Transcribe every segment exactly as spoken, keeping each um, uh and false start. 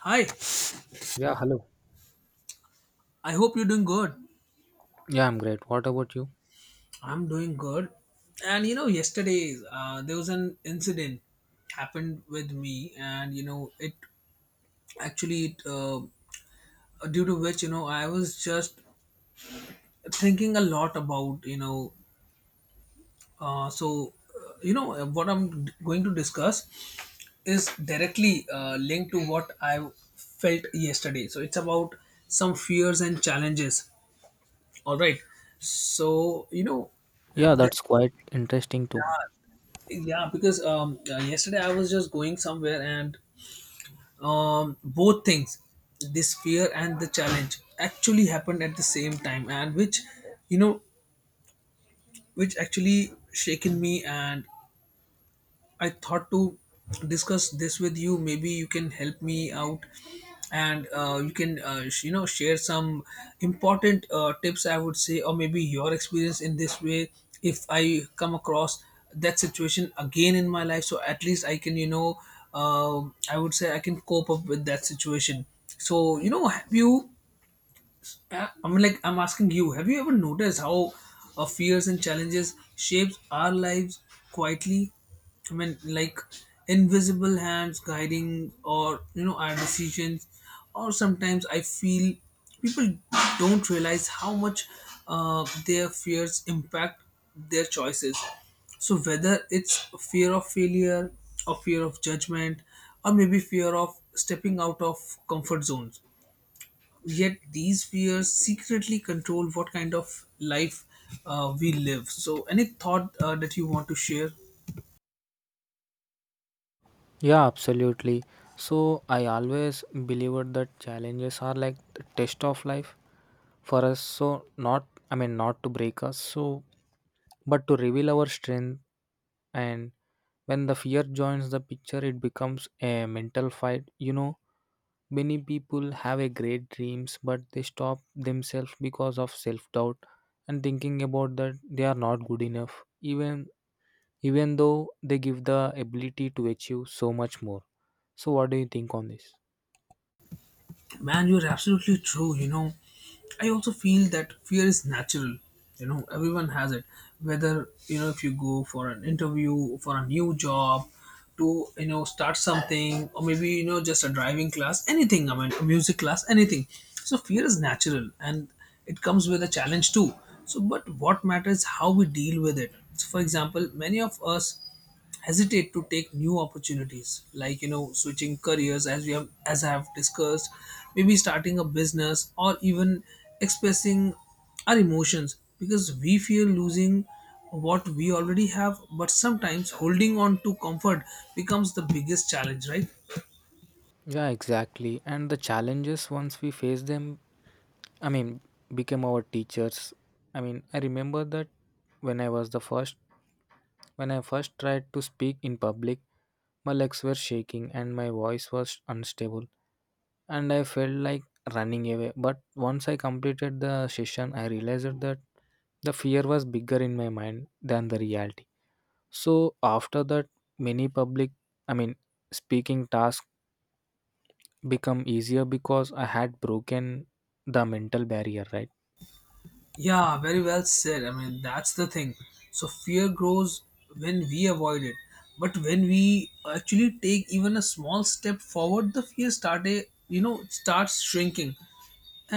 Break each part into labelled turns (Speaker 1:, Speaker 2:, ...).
Speaker 1: Hi,
Speaker 2: Yeah, hello.
Speaker 1: I hope you're doing good.
Speaker 2: Yeah, I'm great. What about you?
Speaker 1: I'm doing good. And you know, yesterday uh, there was an incident happened with me, and you know, it actually it, uh, due to which you know I was just thinking a lot about you know, uh, so uh, you know uh, what I'm d- going to discuss is directly uh, linked to what I felt yesterday. So it's about some fears and challenges. All right. So you know,
Speaker 2: Yeah,
Speaker 1: there
Speaker 2: that's quite interesting too.
Speaker 1: Yeah, because um, uh, yesterday I was just going somewhere and um, both things, this fear and the challenge, actually happened at the same time, and which, you know, which actually shaken me and I thought to discuss this with you. Maybe you can help me out, and uh, you can uh, sh- you know share some important uh, tips. I would say, or maybe your experience in this way. If I come across that situation again in my life, so at least I can you know uh, I would say I can cope up with that situation. So you know, have you? Uh, I'm like I'm asking you, have you ever noticed how our fears and challenges shapes our lives quietly? I mean, like invisible hands guiding or you know our decisions. Or sometimes I feel people don't realize how much uh, their fears impact their choices. So whether it's fear of failure or fear of judgment or maybe fear of stepping out of comfort zones, yet these fears secretly control what kind of life uh, we live. So any thought uh, that you want to share.
Speaker 2: Yeah, absolutely. So, I always believed that challenges are like the test of life for us. So, not, I mean, not to break us, so, but to reveal our strength. And when the fear joins the picture, it becomes a mental fight. You know, many people have a great dreams, but they stop themselves because of self doubt and thinking about that they are not good enough. Even even though they give the ability to achieve so much more. So, what do you think on this?
Speaker 1: Man, you're absolutely true. You know, I also feel that fear is natural. You know, everyone has it. Whether, you know, if you go for an interview, for a new job, to, you know, start something, or maybe, you know, just a driving class, anything. I mean, a music class, anything. So, fear is natural and it comes with a challenge too. So, but what matters is how we deal with it. So, for example, many of us hesitate to take new opportunities like you know switching careers, as we have, as I have discussed, maybe starting a business or even expressing our emotions because we fear losing what we already have. But sometimes holding on to comfort becomes the biggest challenge, right?
Speaker 2: Yeah, exactly. And the challenges, once we face them, I mean, became our teachers. I mean, I remember that when I was the first, when I first tried to speak in public, my legs were shaking and my voice was unstable, and I felt like running away. But once I completed the session, I realized that the fear was bigger in my mind than the reality. So after that, many public, I mean, speaking tasks become easier because I had broken the mental barrier, right?
Speaker 1: Yeah, very well said. I mean, that's the thing. So fear grows when we avoid it, but when we actually take even a small step forward, the fear start a, you know, starts shrinking.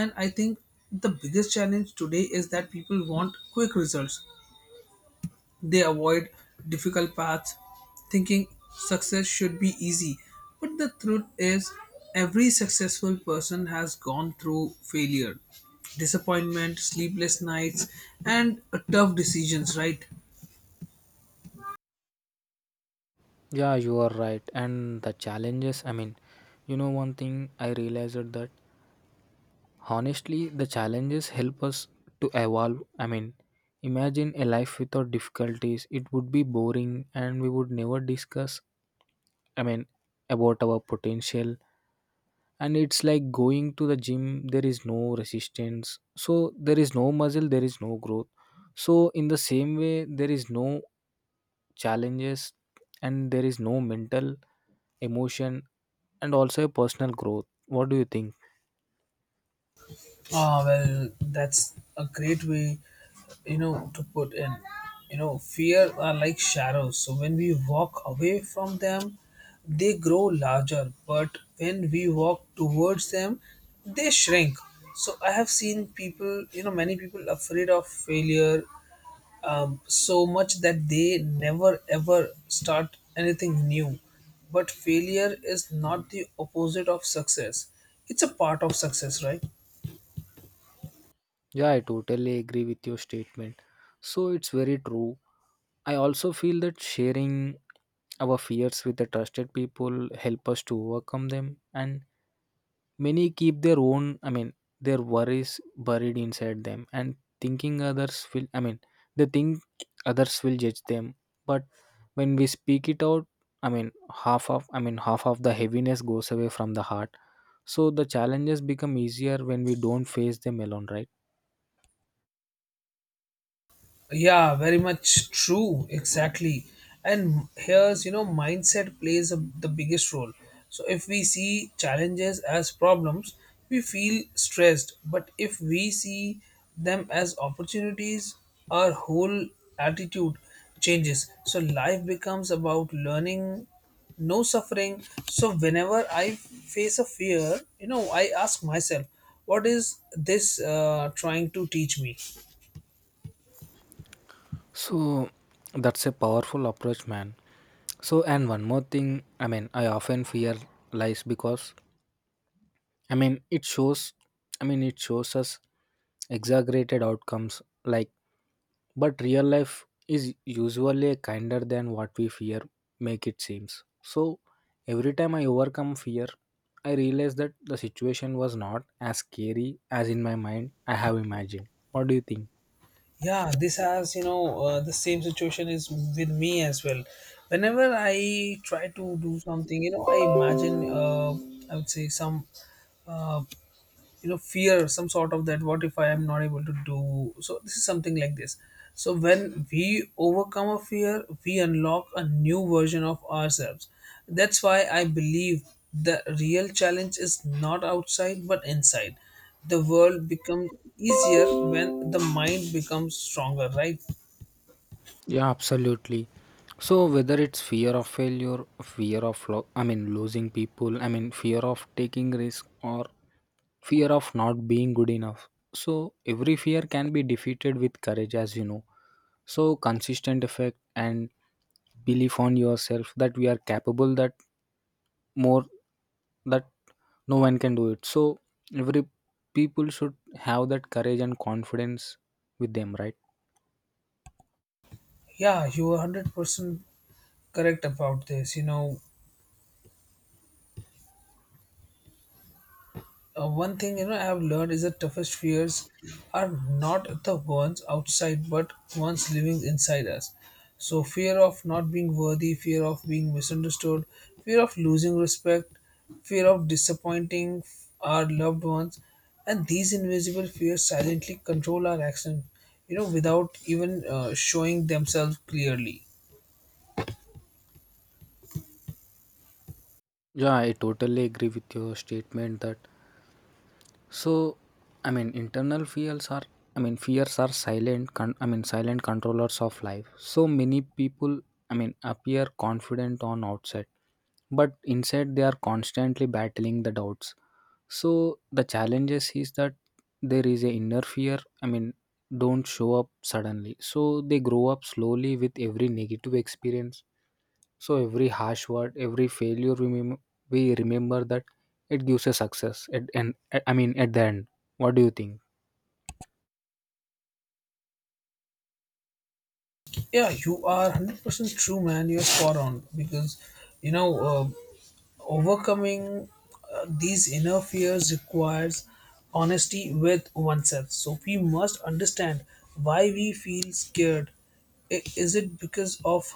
Speaker 1: And I think the biggest challenge today is that people want quick results. They avoid difficult paths, thinking success should be easy. But the truth is, every successful person has gone through failure, disappointment, sleepless nights, and uh, tough decisions, right?
Speaker 2: Yeah, you are right. And the challenges, I mean, you know, one thing I realized that honestly, the challenges help us to evolve. I mean, imagine a life without difficulties, it would be boring and we would never discuss, I mean, about our potential. And it's like going to the gym. There is no resistance, so there is no muscle, there is no growth. So in the same way, there is no challenges and there is no mental emotion and also a personal growth. What do you think?
Speaker 1: Ah, well, that's a great way, you know, to put in. You know, fear are like shadows. So when we walk away from them, they grow larger. But when we walk towards them, they shrink. So I have seen people, you know, many people afraid of failure um, so much that they never ever start anything new. But failure is not the opposite of success. It's a part of success, right?
Speaker 2: Yeah, I totally agree with your statement. So it's very true. I also feel that sharing our fears with the trusted people help us to overcome them. And many keep their own, I mean, their worries buried inside them and thinking others will, I mean, they think others will judge them. But when we speak it out, I mean, half of, I mean, half of the heaviness goes away from the heart. So the challenges become easier when we don't face them alone, right?
Speaker 1: Yeah, very much true. Exactly. And here's, you know, mindset plays a, the biggest role. So if we see challenges as problems, we feel stressed. But if we see them as opportunities, our whole attitude changes. So life becomes about learning, no suffering. So whenever I face a fear, you know, I ask myself, what is this uh, trying to teach me?
Speaker 2: So that's a powerful approach, man. So, and one more thing, I mean, I often fear lies because I mean, it shows. I mean, it shows us exaggerated outcomes. Like, but real life is usually kinder than what we fear make it seems. So, every time I overcome fear, I realize that the situation was not as scary as in my mind I have imagined. What do you think?
Speaker 1: Yeah, this has you know uh, the same situation is with me as well. Whenever I try to do something, you know, I imagine uh, I would say some uh, you know, fear, some sort of that what if I am not able to do. So this is something like this. So when we overcome a fear, we unlock a new version of ourselves. That's why I believe the real challenge is not outside but inside. The world becomes easier when the mind becomes stronger, right?
Speaker 2: Yeah, absolutely. So whether it's fear of failure, fear of lo- I mean losing people, I mean fear of taking risk or fear of not being good enough. So every fear can be defeated with courage, as you know. So consistent effect and belief on yourself that we are capable, that more that no one can do it. So every people should have that courage and confidence with them, right?
Speaker 1: Yeah, you are one hundred percent correct about this, you know. Uh, one thing, you know, I have learned is that toughest fears are not the ones outside, but ones living inside us. So fear of not being worthy, fear of being misunderstood, fear of losing respect, fear of disappointing our loved ones, and these invisible fears silently control our action. You know, without even uh, showing themselves clearly.
Speaker 2: Yeah, I totally agree with your statement that So, I mean, internal fears are, I mean, fears are silent, con- I mean, silent controllers of life. So many people, I mean, appear confident on outside, but inside they are constantly battling the doubts. So the challenges is that there is a inner fear, I mean, don't show up suddenly. So they grow up slowly with every negative experience. So every harsh word, every failure, we, mem- we remember that it gives a success. At and I mean, at the end, what do you think?
Speaker 1: Yeah, you are one hundred percent true, man. You're spot on because you know. Uh, overcoming uh, these inner fears requires honesty with oneself. So we must understand why we feel scared. I- is it because of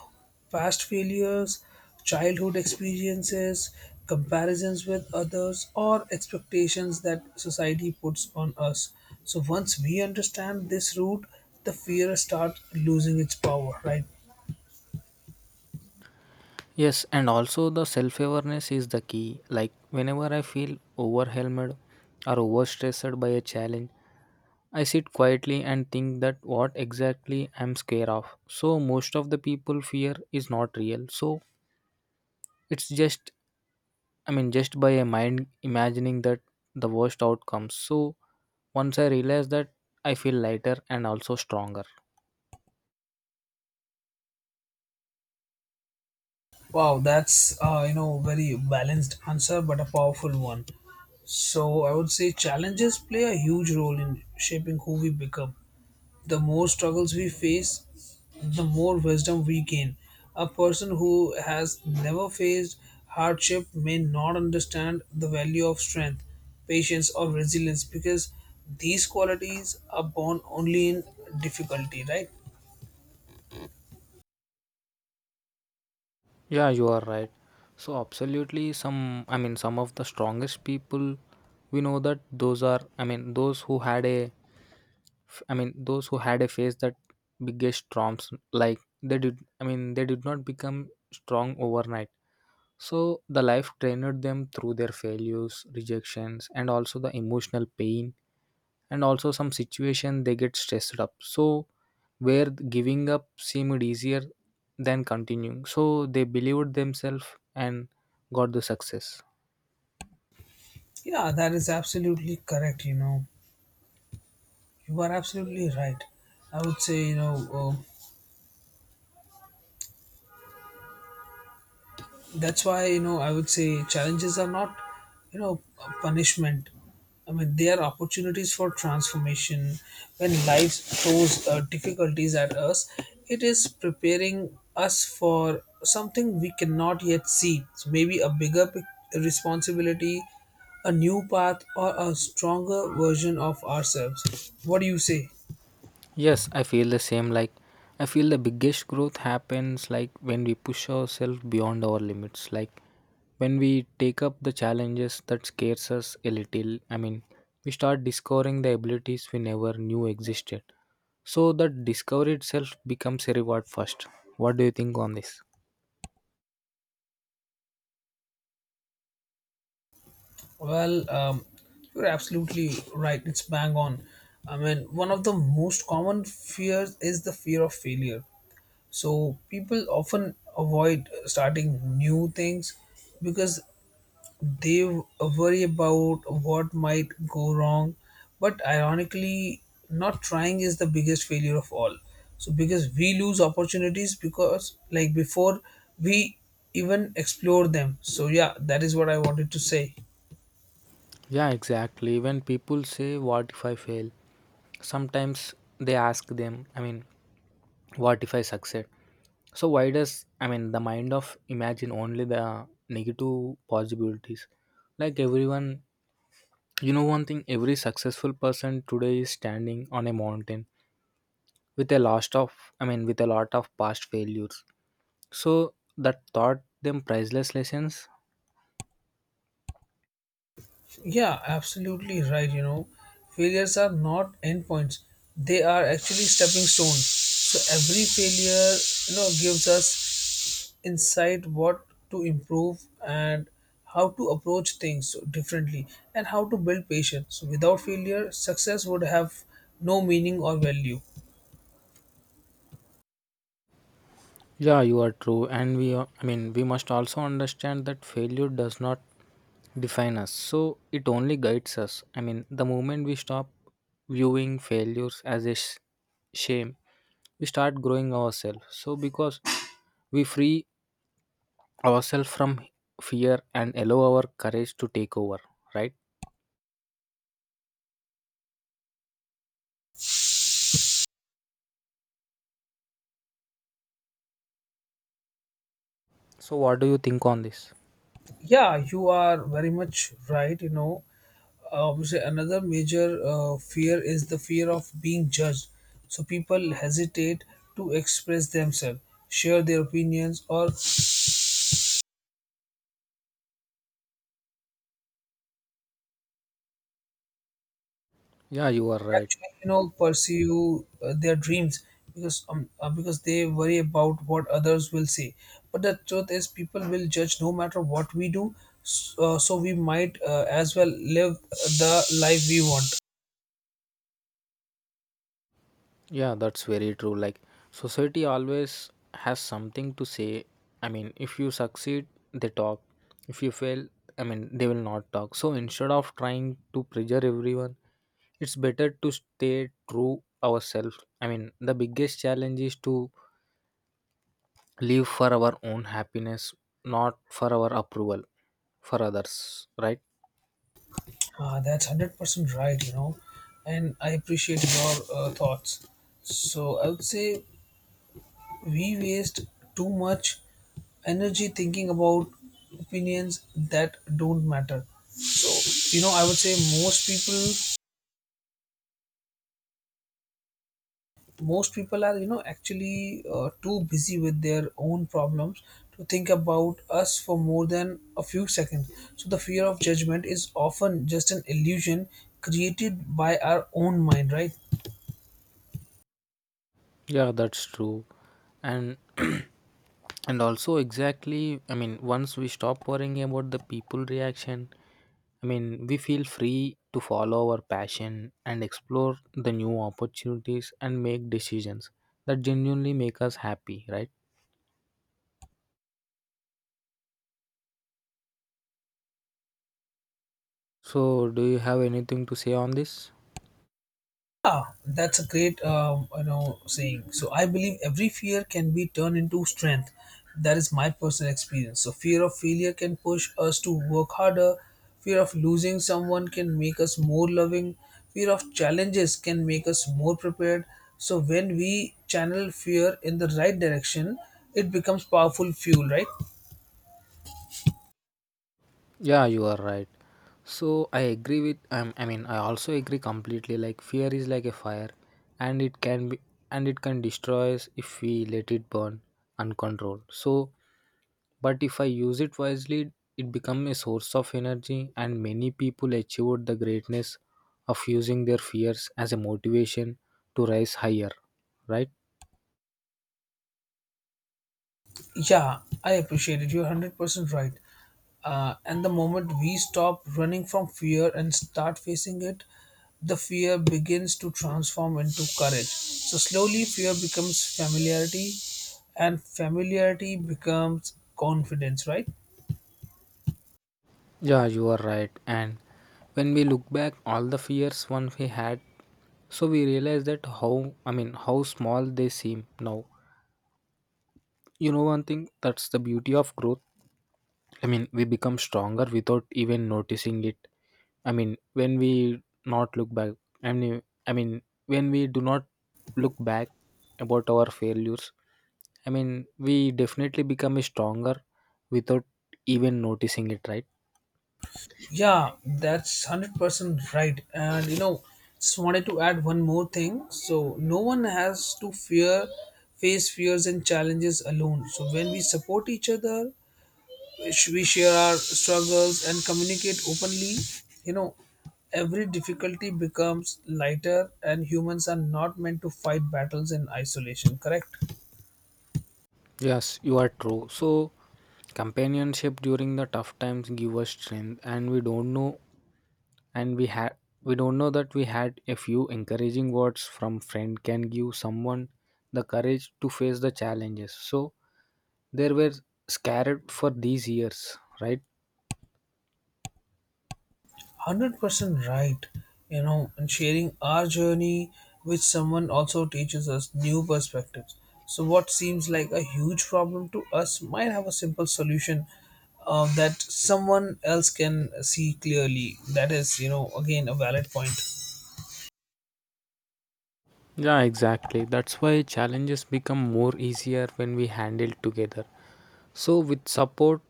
Speaker 1: past failures, childhood experiences, comparisons with others, or expectations that society puts on us? So once we understand this root, the fear starts losing its power, right?
Speaker 2: Yes, and also the self awareness is the key. Like whenever I feel overwhelmed or overstressed by a challenge, I sit quietly and think that what exactly I'm scared of. So most of the people fear is not real. So it's just I mean, just by a mind imagining that the worst outcomes. So once I realize that, I feel lighter and also stronger.
Speaker 1: Wow, that's uh, you know, very balanced answer, but a powerful one. So I would say challenges play a huge role in shaping who we become. The more struggles we face, the more wisdom we gain. A person who has never faced hardship may not understand the value of strength, patience, or resilience, because these qualities are born only in difficulty, right?
Speaker 2: Yeah, you are right. So absolutely, some I mean, some of the strongest people we know that those are I mean, those who had a f- I mean, those who had a face that biggest storms like they did. I mean, they did not become strong overnight. So the life trained them through their failures, rejections, and also the emotional pain, and also some situation they get stressed up. So where giving up seemed easier than continuing. So they believed themselves and got the success.
Speaker 1: Yeah, that is absolutely correct, you know. You are absolutely right. I would say, you know, uh, that's why, you know, I would say challenges are not, you know, punishment. I mean, they are opportunities for transformation. When life throws uh, difficulties at us, it is preparing us for something we cannot yet see. So maybe a bigger pic- responsibility, a new path, or a stronger version of ourselves. What do you say?
Speaker 2: Yes, I feel the same. Like, I feel the biggest growth happens like when we push ourselves beyond our limits. Like, when we take up the challenges that scares us a little. I mean, we start discovering the abilities we never knew existed. So that discovery itself becomes a reward first. What do you think on this?
Speaker 1: Well, um, you're absolutely right. It's bang on. I mean, one of the most common fears is the fear of failure. So people often avoid starting new things because they worry about what might go wrong. But ironically, not trying is the biggest failure of all. So because we lose opportunities because like before we even explore them. So yeah, that is what I wanted to say.
Speaker 2: Yeah, exactly. When people say, "What if I fail?" sometimes they ask them. I mean, what if I succeed? So why does I mean the mind of imagine only the negative possibilities? Like everyone, you know one thing. Every successful person today is standing on a mountain with a lot of I mean with a lot of past failures. So that taught them priceless lessons.
Speaker 1: Yeah, absolutely right. You know, failures are not endpoints, they are actually stepping stones. So every failure, you know, gives us insight what to improve and how to approach things differently and how to build patience. So without failure, success would have no meaning or value.
Speaker 2: Yeah, you are true, and we are, I mean we must also understand that failure does not define us. So it only guides us. I mean the moment we stop viewing failures as a sh- shame, we start growing ourselves so because we free ourselves from fear and allow our courage to take over, right? So what do you think on this?
Speaker 1: Yeah, you are very much right. You know, obviously, another major uh, fear is the fear of being judged. So people hesitate to express themselves, share their opinions, or
Speaker 2: Yeah, you are right.
Speaker 1: actually, you know, pursue uh, their dreams because um, uh, because they worry about what others will say. But the truth is, people will judge no matter what we do. So, uh, so we might uh, as well live the life we want.
Speaker 2: Yeah, that's very true. Like society always has something to say. I mean, if you succeed, they talk. If you fail, I mean, they will not talk. So instead of trying to pressure everyone, it's better to stay true ourselves. I mean, the biggest challenge is to live for our own happiness, not for our approval for others, right?
Speaker 1: Uh, that's one hundred percent right, you know, and I appreciate your uh, thoughts. So, I would say we waste too much energy thinking about opinions that don't matter. So, you know, I would say most people, most people are, you know, actually uh, too busy with their own problems to think about us for more than a few seconds. So, the fear of judgment is often just an illusion created by our own mind, right?
Speaker 2: Yeah, that's true. And and also exactly, I mean, once we stop worrying about the people reaction, I mean, we feel free to follow our passion and explore the new opportunities and make decisions that genuinely make us happy, right? So, do you have anything to say on this?
Speaker 1: Yeah, that's a great um, you know, saying. So I believe every fear can be turned into strength. That is my personal experience. So fear of failure can push us to work harder. Fear of losing someone can make us more loving. Fear of challenges can make us more prepared. So when we channel fear in the right direction, it becomes powerful fuel, right?
Speaker 2: Yeah, you are right. So I agree with um, I mean, I also agree completely like fear is like a fire and it can be and it can destroy us if we let it burn uncontrolled. So but if I use it wisely it become a source of energy and many people achieved the greatness of using their fears as a motivation to rise higher, right?
Speaker 1: Yeah, I appreciate it. You're one hundred percent right. Uh, and the moment we stop running from fear and start facing it, the fear begins to transform into courage. So, slowly, fear becomes familiarity, and familiarity becomes confidence, right?
Speaker 2: Yeah, you are right. And when we look back all the fears one we had, so we realize that how I mean how small they seem now. You know one thing, that's the beauty of growth. I mean we become stronger without even noticing it. I mean when we not look back I mean I mean when we do not look back about our failures, I mean we definitely become stronger without even noticing it, right?
Speaker 1: Yeah, that's one hundred percent right. And you know, just wanted to add one more thing. So, no one has to fear face fears and challenges alone. So, when we support each other, sh- we share our struggles and communicate openly, you know, every difficulty becomes lighter, and humans are not meant to fight battles in isolation, correct?
Speaker 2: Yes, you are true. So, companionship during the tough times give us strength, and we don't know, and we had, we don't know that we had a few encouraging words from friend can give someone the courage to face the challenges. So, they were scared for these years, right?
Speaker 1: one hundred percent right, you know, and sharing our journey with someone also teaches us new perspectives. So what seems like a huge problem to us might have a simple solution uh, that someone else can see clearly. That is, you know, again a valid point.
Speaker 2: Yeah, exactly. That's why challenges become more easier when we handle together. So, with support,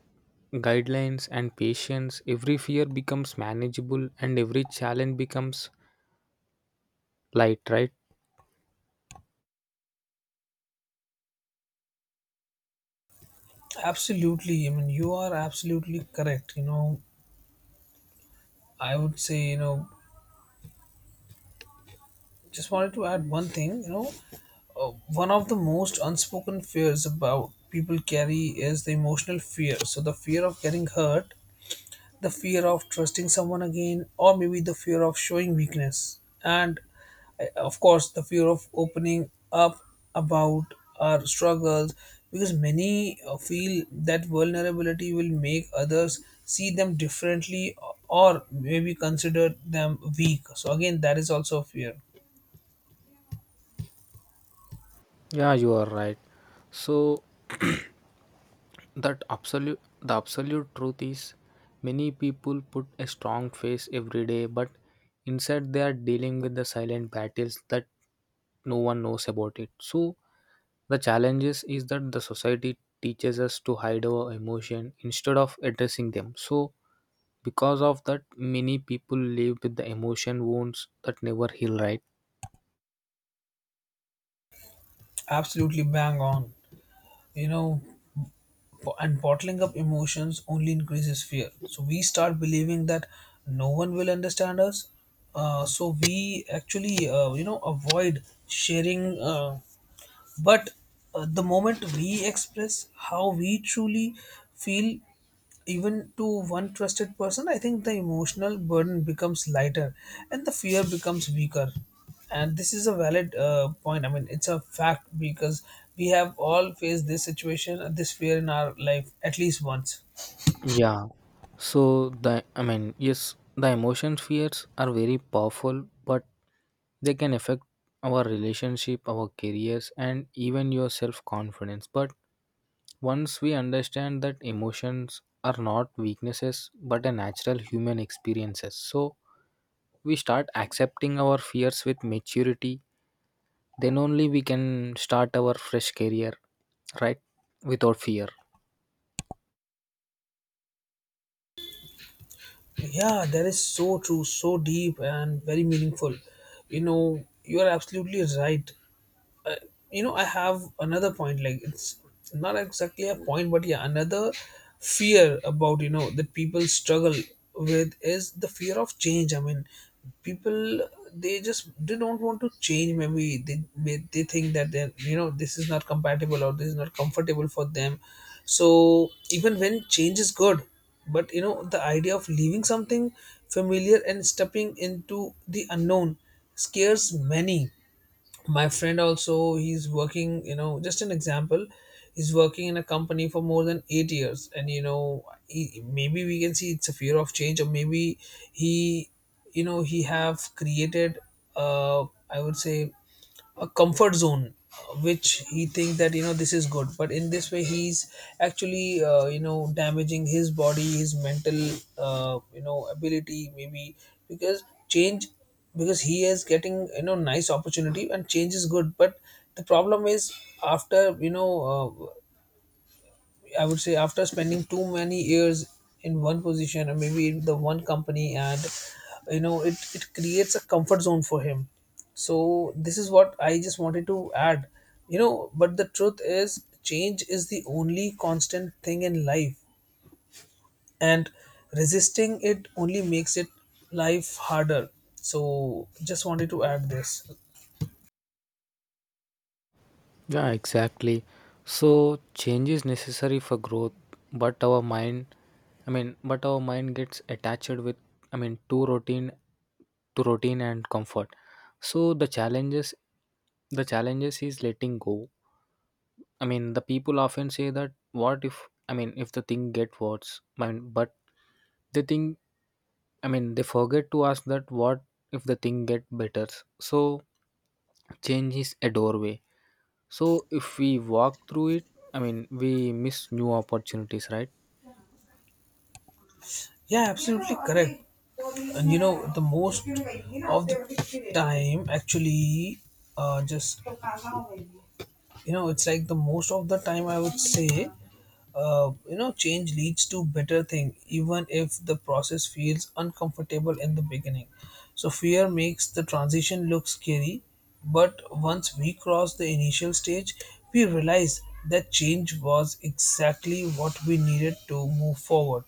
Speaker 2: guidelines, and patience, every fear becomes manageable, and every challenge becomes light, right?
Speaker 1: Absolutely. I mean, you are absolutely correct. You know, I would say, you know, just wanted to add one thing. You know, uh, one of the most unspoken fears about people carry is the emotional fear. So, the fear of getting hurt, the fear of trusting someone again, or maybe the fear of showing weakness, and uh, of course the fear of opening up about our struggles because many uh, feel that vulnerability will make others see them differently or maybe consider them weak. So again, that is also a fear.
Speaker 2: Yeah, you are right. So that absolute the absolute truth is many people put a strong face every day, but inside they are dealing with the silent battles that no one knows about it. So the challenges is that the society teaches us to hide our emotion instead of addressing them. So because of that many people live with the emotion wounds that never heal, right?
Speaker 1: Absolutely bang on. You know, bo- and bottling up emotions only increases fear, so we start believing that no one will understand us. Uh, so we actually uh, you know avoid sharing uh, But uh, the moment we express how we truly feel, even to one trusted person, I think the emotional burden becomes lighter and the fear becomes weaker. And this is a valid uh, point. I mean, it's a fact because we have all faced this situation, uh, this fear in our life at least once.
Speaker 2: Yeah. So the I mean, yes, the emotions fears are very powerful, but they can affect our relationship, our careers, and even your self confidence. But once we understand that emotions are not weaknesses but a natural human experiences, so we start accepting our fears with maturity, then only we can start our fresh career, right? Without fear.
Speaker 1: Yeah, that is so true, so deep, and very meaningful. You know, you are absolutely right. You know, I have another point. Like, it's not exactly a point, but yeah, another fear about, you know, that people struggle with is the fear of change. I mean, people, they just they don't want to change. Maybe they may- they think that, they, you know, this is not compatible or this is not comfortable for them. So even when change is good, but you know, the idea of leaving something familiar and stepping into the unknown scares many. My friend also, he's working, you know, just an example, he's working in a company for more than eight years, and you know, he, maybe we can see it's a fear of change, or maybe he, you know, he have created, uh I would say, a comfort zone, uh, which he thinks that, you know, this is good. But in this way, he's actually uh, you know damaging his body, his mental, uh, you know ability, maybe. Because change, because he is getting, you know, nice opportunity and change is good, but the problem is, after you know uh, I would say, after spending too many years in one position or maybe in the one company, and you know, it, it creates a comfort zone for him. So this is what I just wanted to add. You know, but the truth is, change is the only constant thing in life, and resisting it only makes it life harder. So just wanted to add this.
Speaker 2: Yeah, exactly. So change is necessary for growth, but our mind, I mean, but our mind gets attached with, I mean, to routine, to routine and comfort. So the challenges, the challenges is letting go. I mean, the people often say that what if, I mean, if the thing get worse, I mean, but they think, I mean, they forget to ask that what if the thing get better. So change is a doorway so if we walk through it, I mean, we miss new opportunities, right?
Speaker 1: Yeah, absolutely correct. And you know, the most of the time, actually, uh, just you know, it's like, the most of the time, I would say, uh, you know, change leads to better thing, even if the process feels uncomfortable in the beginning. So fear makes the transition look scary, but once we cross the initial stage, we realize that change was exactly what we needed to move forward.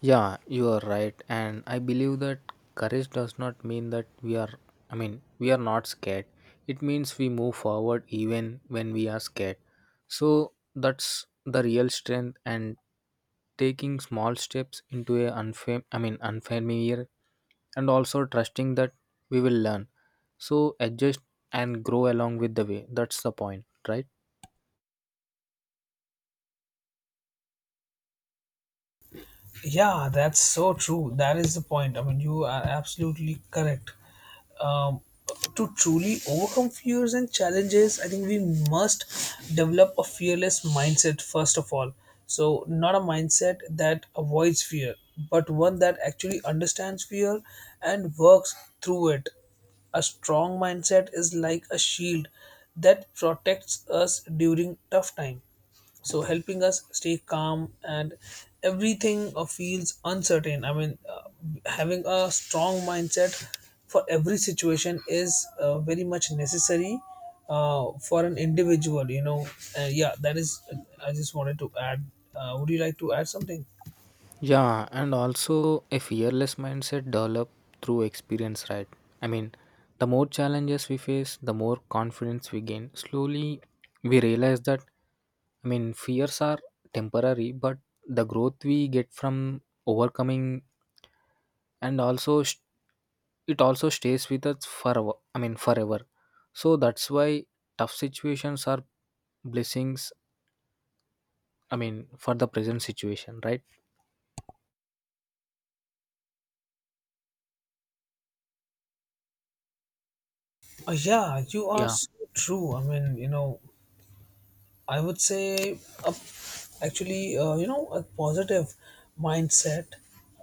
Speaker 2: Yeah, you are right. And I believe that courage does not mean that we are, I mean, we are not scared. It means we move forward even when we are scared. So that's the real strength and taking small steps into a unfam- I mean, unfamiliar and also trusting that we will learn. So adjust and grow along with the way. That's the point, right?
Speaker 1: Yeah, that's so true. That is the point. I mean, you are absolutely correct. Um, to truly overcome fears and challenges, I think we must develop a fearless mindset first of all. So, not a mindset that avoids fear, but one that actually understands fear and works through it. A strong mindset is like a shield that protects us during tough time, so helping us stay calm. And everything uh, feels uncertain. I mean, uh, having a strong mindset for every situation is uh, very much necessary uh, for an individual, you know. Uh, yeah, that is uh, I just wanted to add. Uh, would you like to add something?
Speaker 2: Yeah, and also a fearless mindset develop through experience, right? I mean, the more challenges we face, the more confidence we gain. Slowly, we realize that, I mean, fears are temporary, but the growth we get from overcoming and also sh- it also stays with us forever. I mean, forever. So that's why tough situations are blessings. I mean, for the present situation, right?
Speaker 1: Uh, yeah, you are
Speaker 2: Yeah.
Speaker 1: so true. I mean, you know, I would say, a actually uh, you know, a positive mindset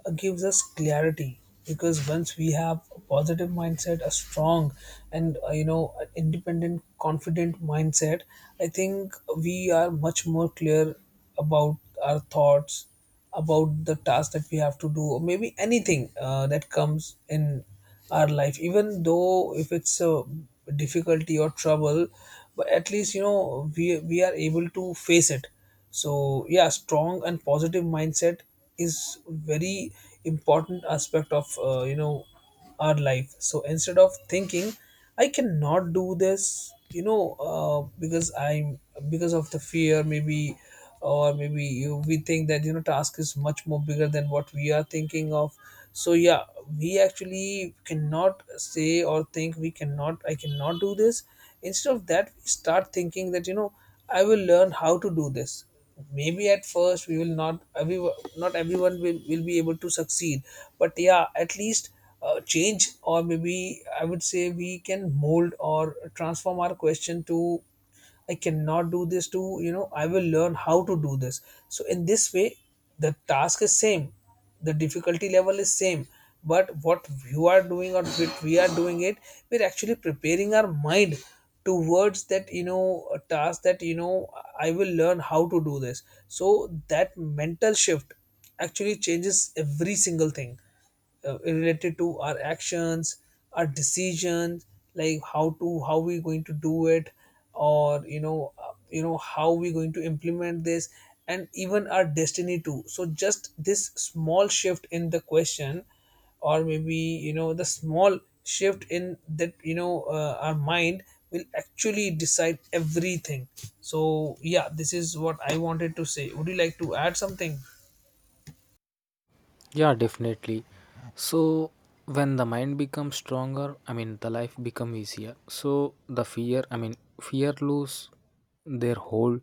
Speaker 1: uh, gives us clarity. Because once we have a positive mindset, a strong and uh, you know an independent, confident mindset, I think we are much more clear about our thoughts, about the task that we have to do, or maybe anything uh, that comes in our life, even though if it's a difficulty or trouble, but at least you know, we we are able to face it. So yeah, strong and positive mindset is very important aspect of, uh, you know, our life. So instead of thinking I cannot do this, you know, uh, because I'm, because of the fear, maybe, or maybe you, we think that, you know, task is much more bigger than what we are thinking of. So yeah, we actually cannot say or think we cannot, I cannot do this. Instead of that, we start thinking that, you know, I will learn how to do this. Maybe at first we will not, every, not everyone will, will be able to succeed, but yeah, at least, uh, change, or maybe I would say, we can mold or transform our question to, I cannot do this too, you know, I will learn how to do this. So in this way, the task is same, the difficulty level is same, but what you are doing, or what we are doing it, we're actually preparing our mind towards that, you know, a task that, you know, I will learn how to do this. So that mental shift actually changes every single thing uh, related to our actions, our decisions, like how to, how we going to do it, or you know, uh, you know how we going to implement this, and even our destiny too. So just this small shift in the question, or maybe you know, the small shift in that, you know, uh, our mind will actually decide everything. So yeah, this is what I wanted to say. Would you like to add something?
Speaker 2: Yeah, definitely. So when the mind becomes stronger, I mean the life become easier. So the fear, I mean fear lose their hold.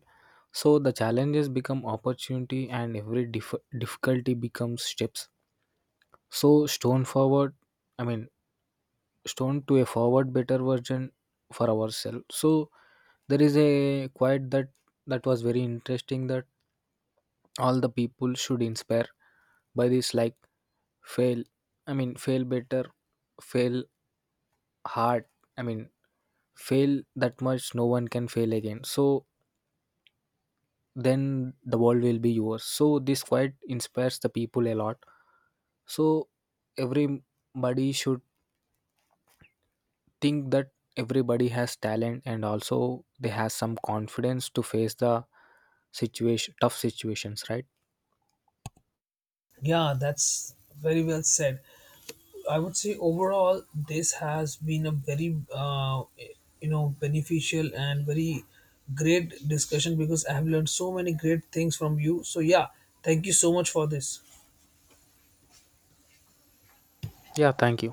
Speaker 2: So the challenges become opportunity and every dif- difficulty becomes steps. So stone forward, I mean stone to a forward better version for ourselves. So there is a quote that that was very interesting that all the people should inspire by this, like fail, I mean fail better, fail hard, I mean fail that much no one can fail again, so then the world will be yours. So this quite inspires the people a lot. So everybody should think that everybody has talent and also they have some confidence to face the situation tough situations, right?
Speaker 1: Yeah, that's very well said. I would say overall this has been a very uh, you know beneficial and very great discussion because I have learned so many great things from you. So yeah, thank you so much for this.
Speaker 2: Yeah, thank you.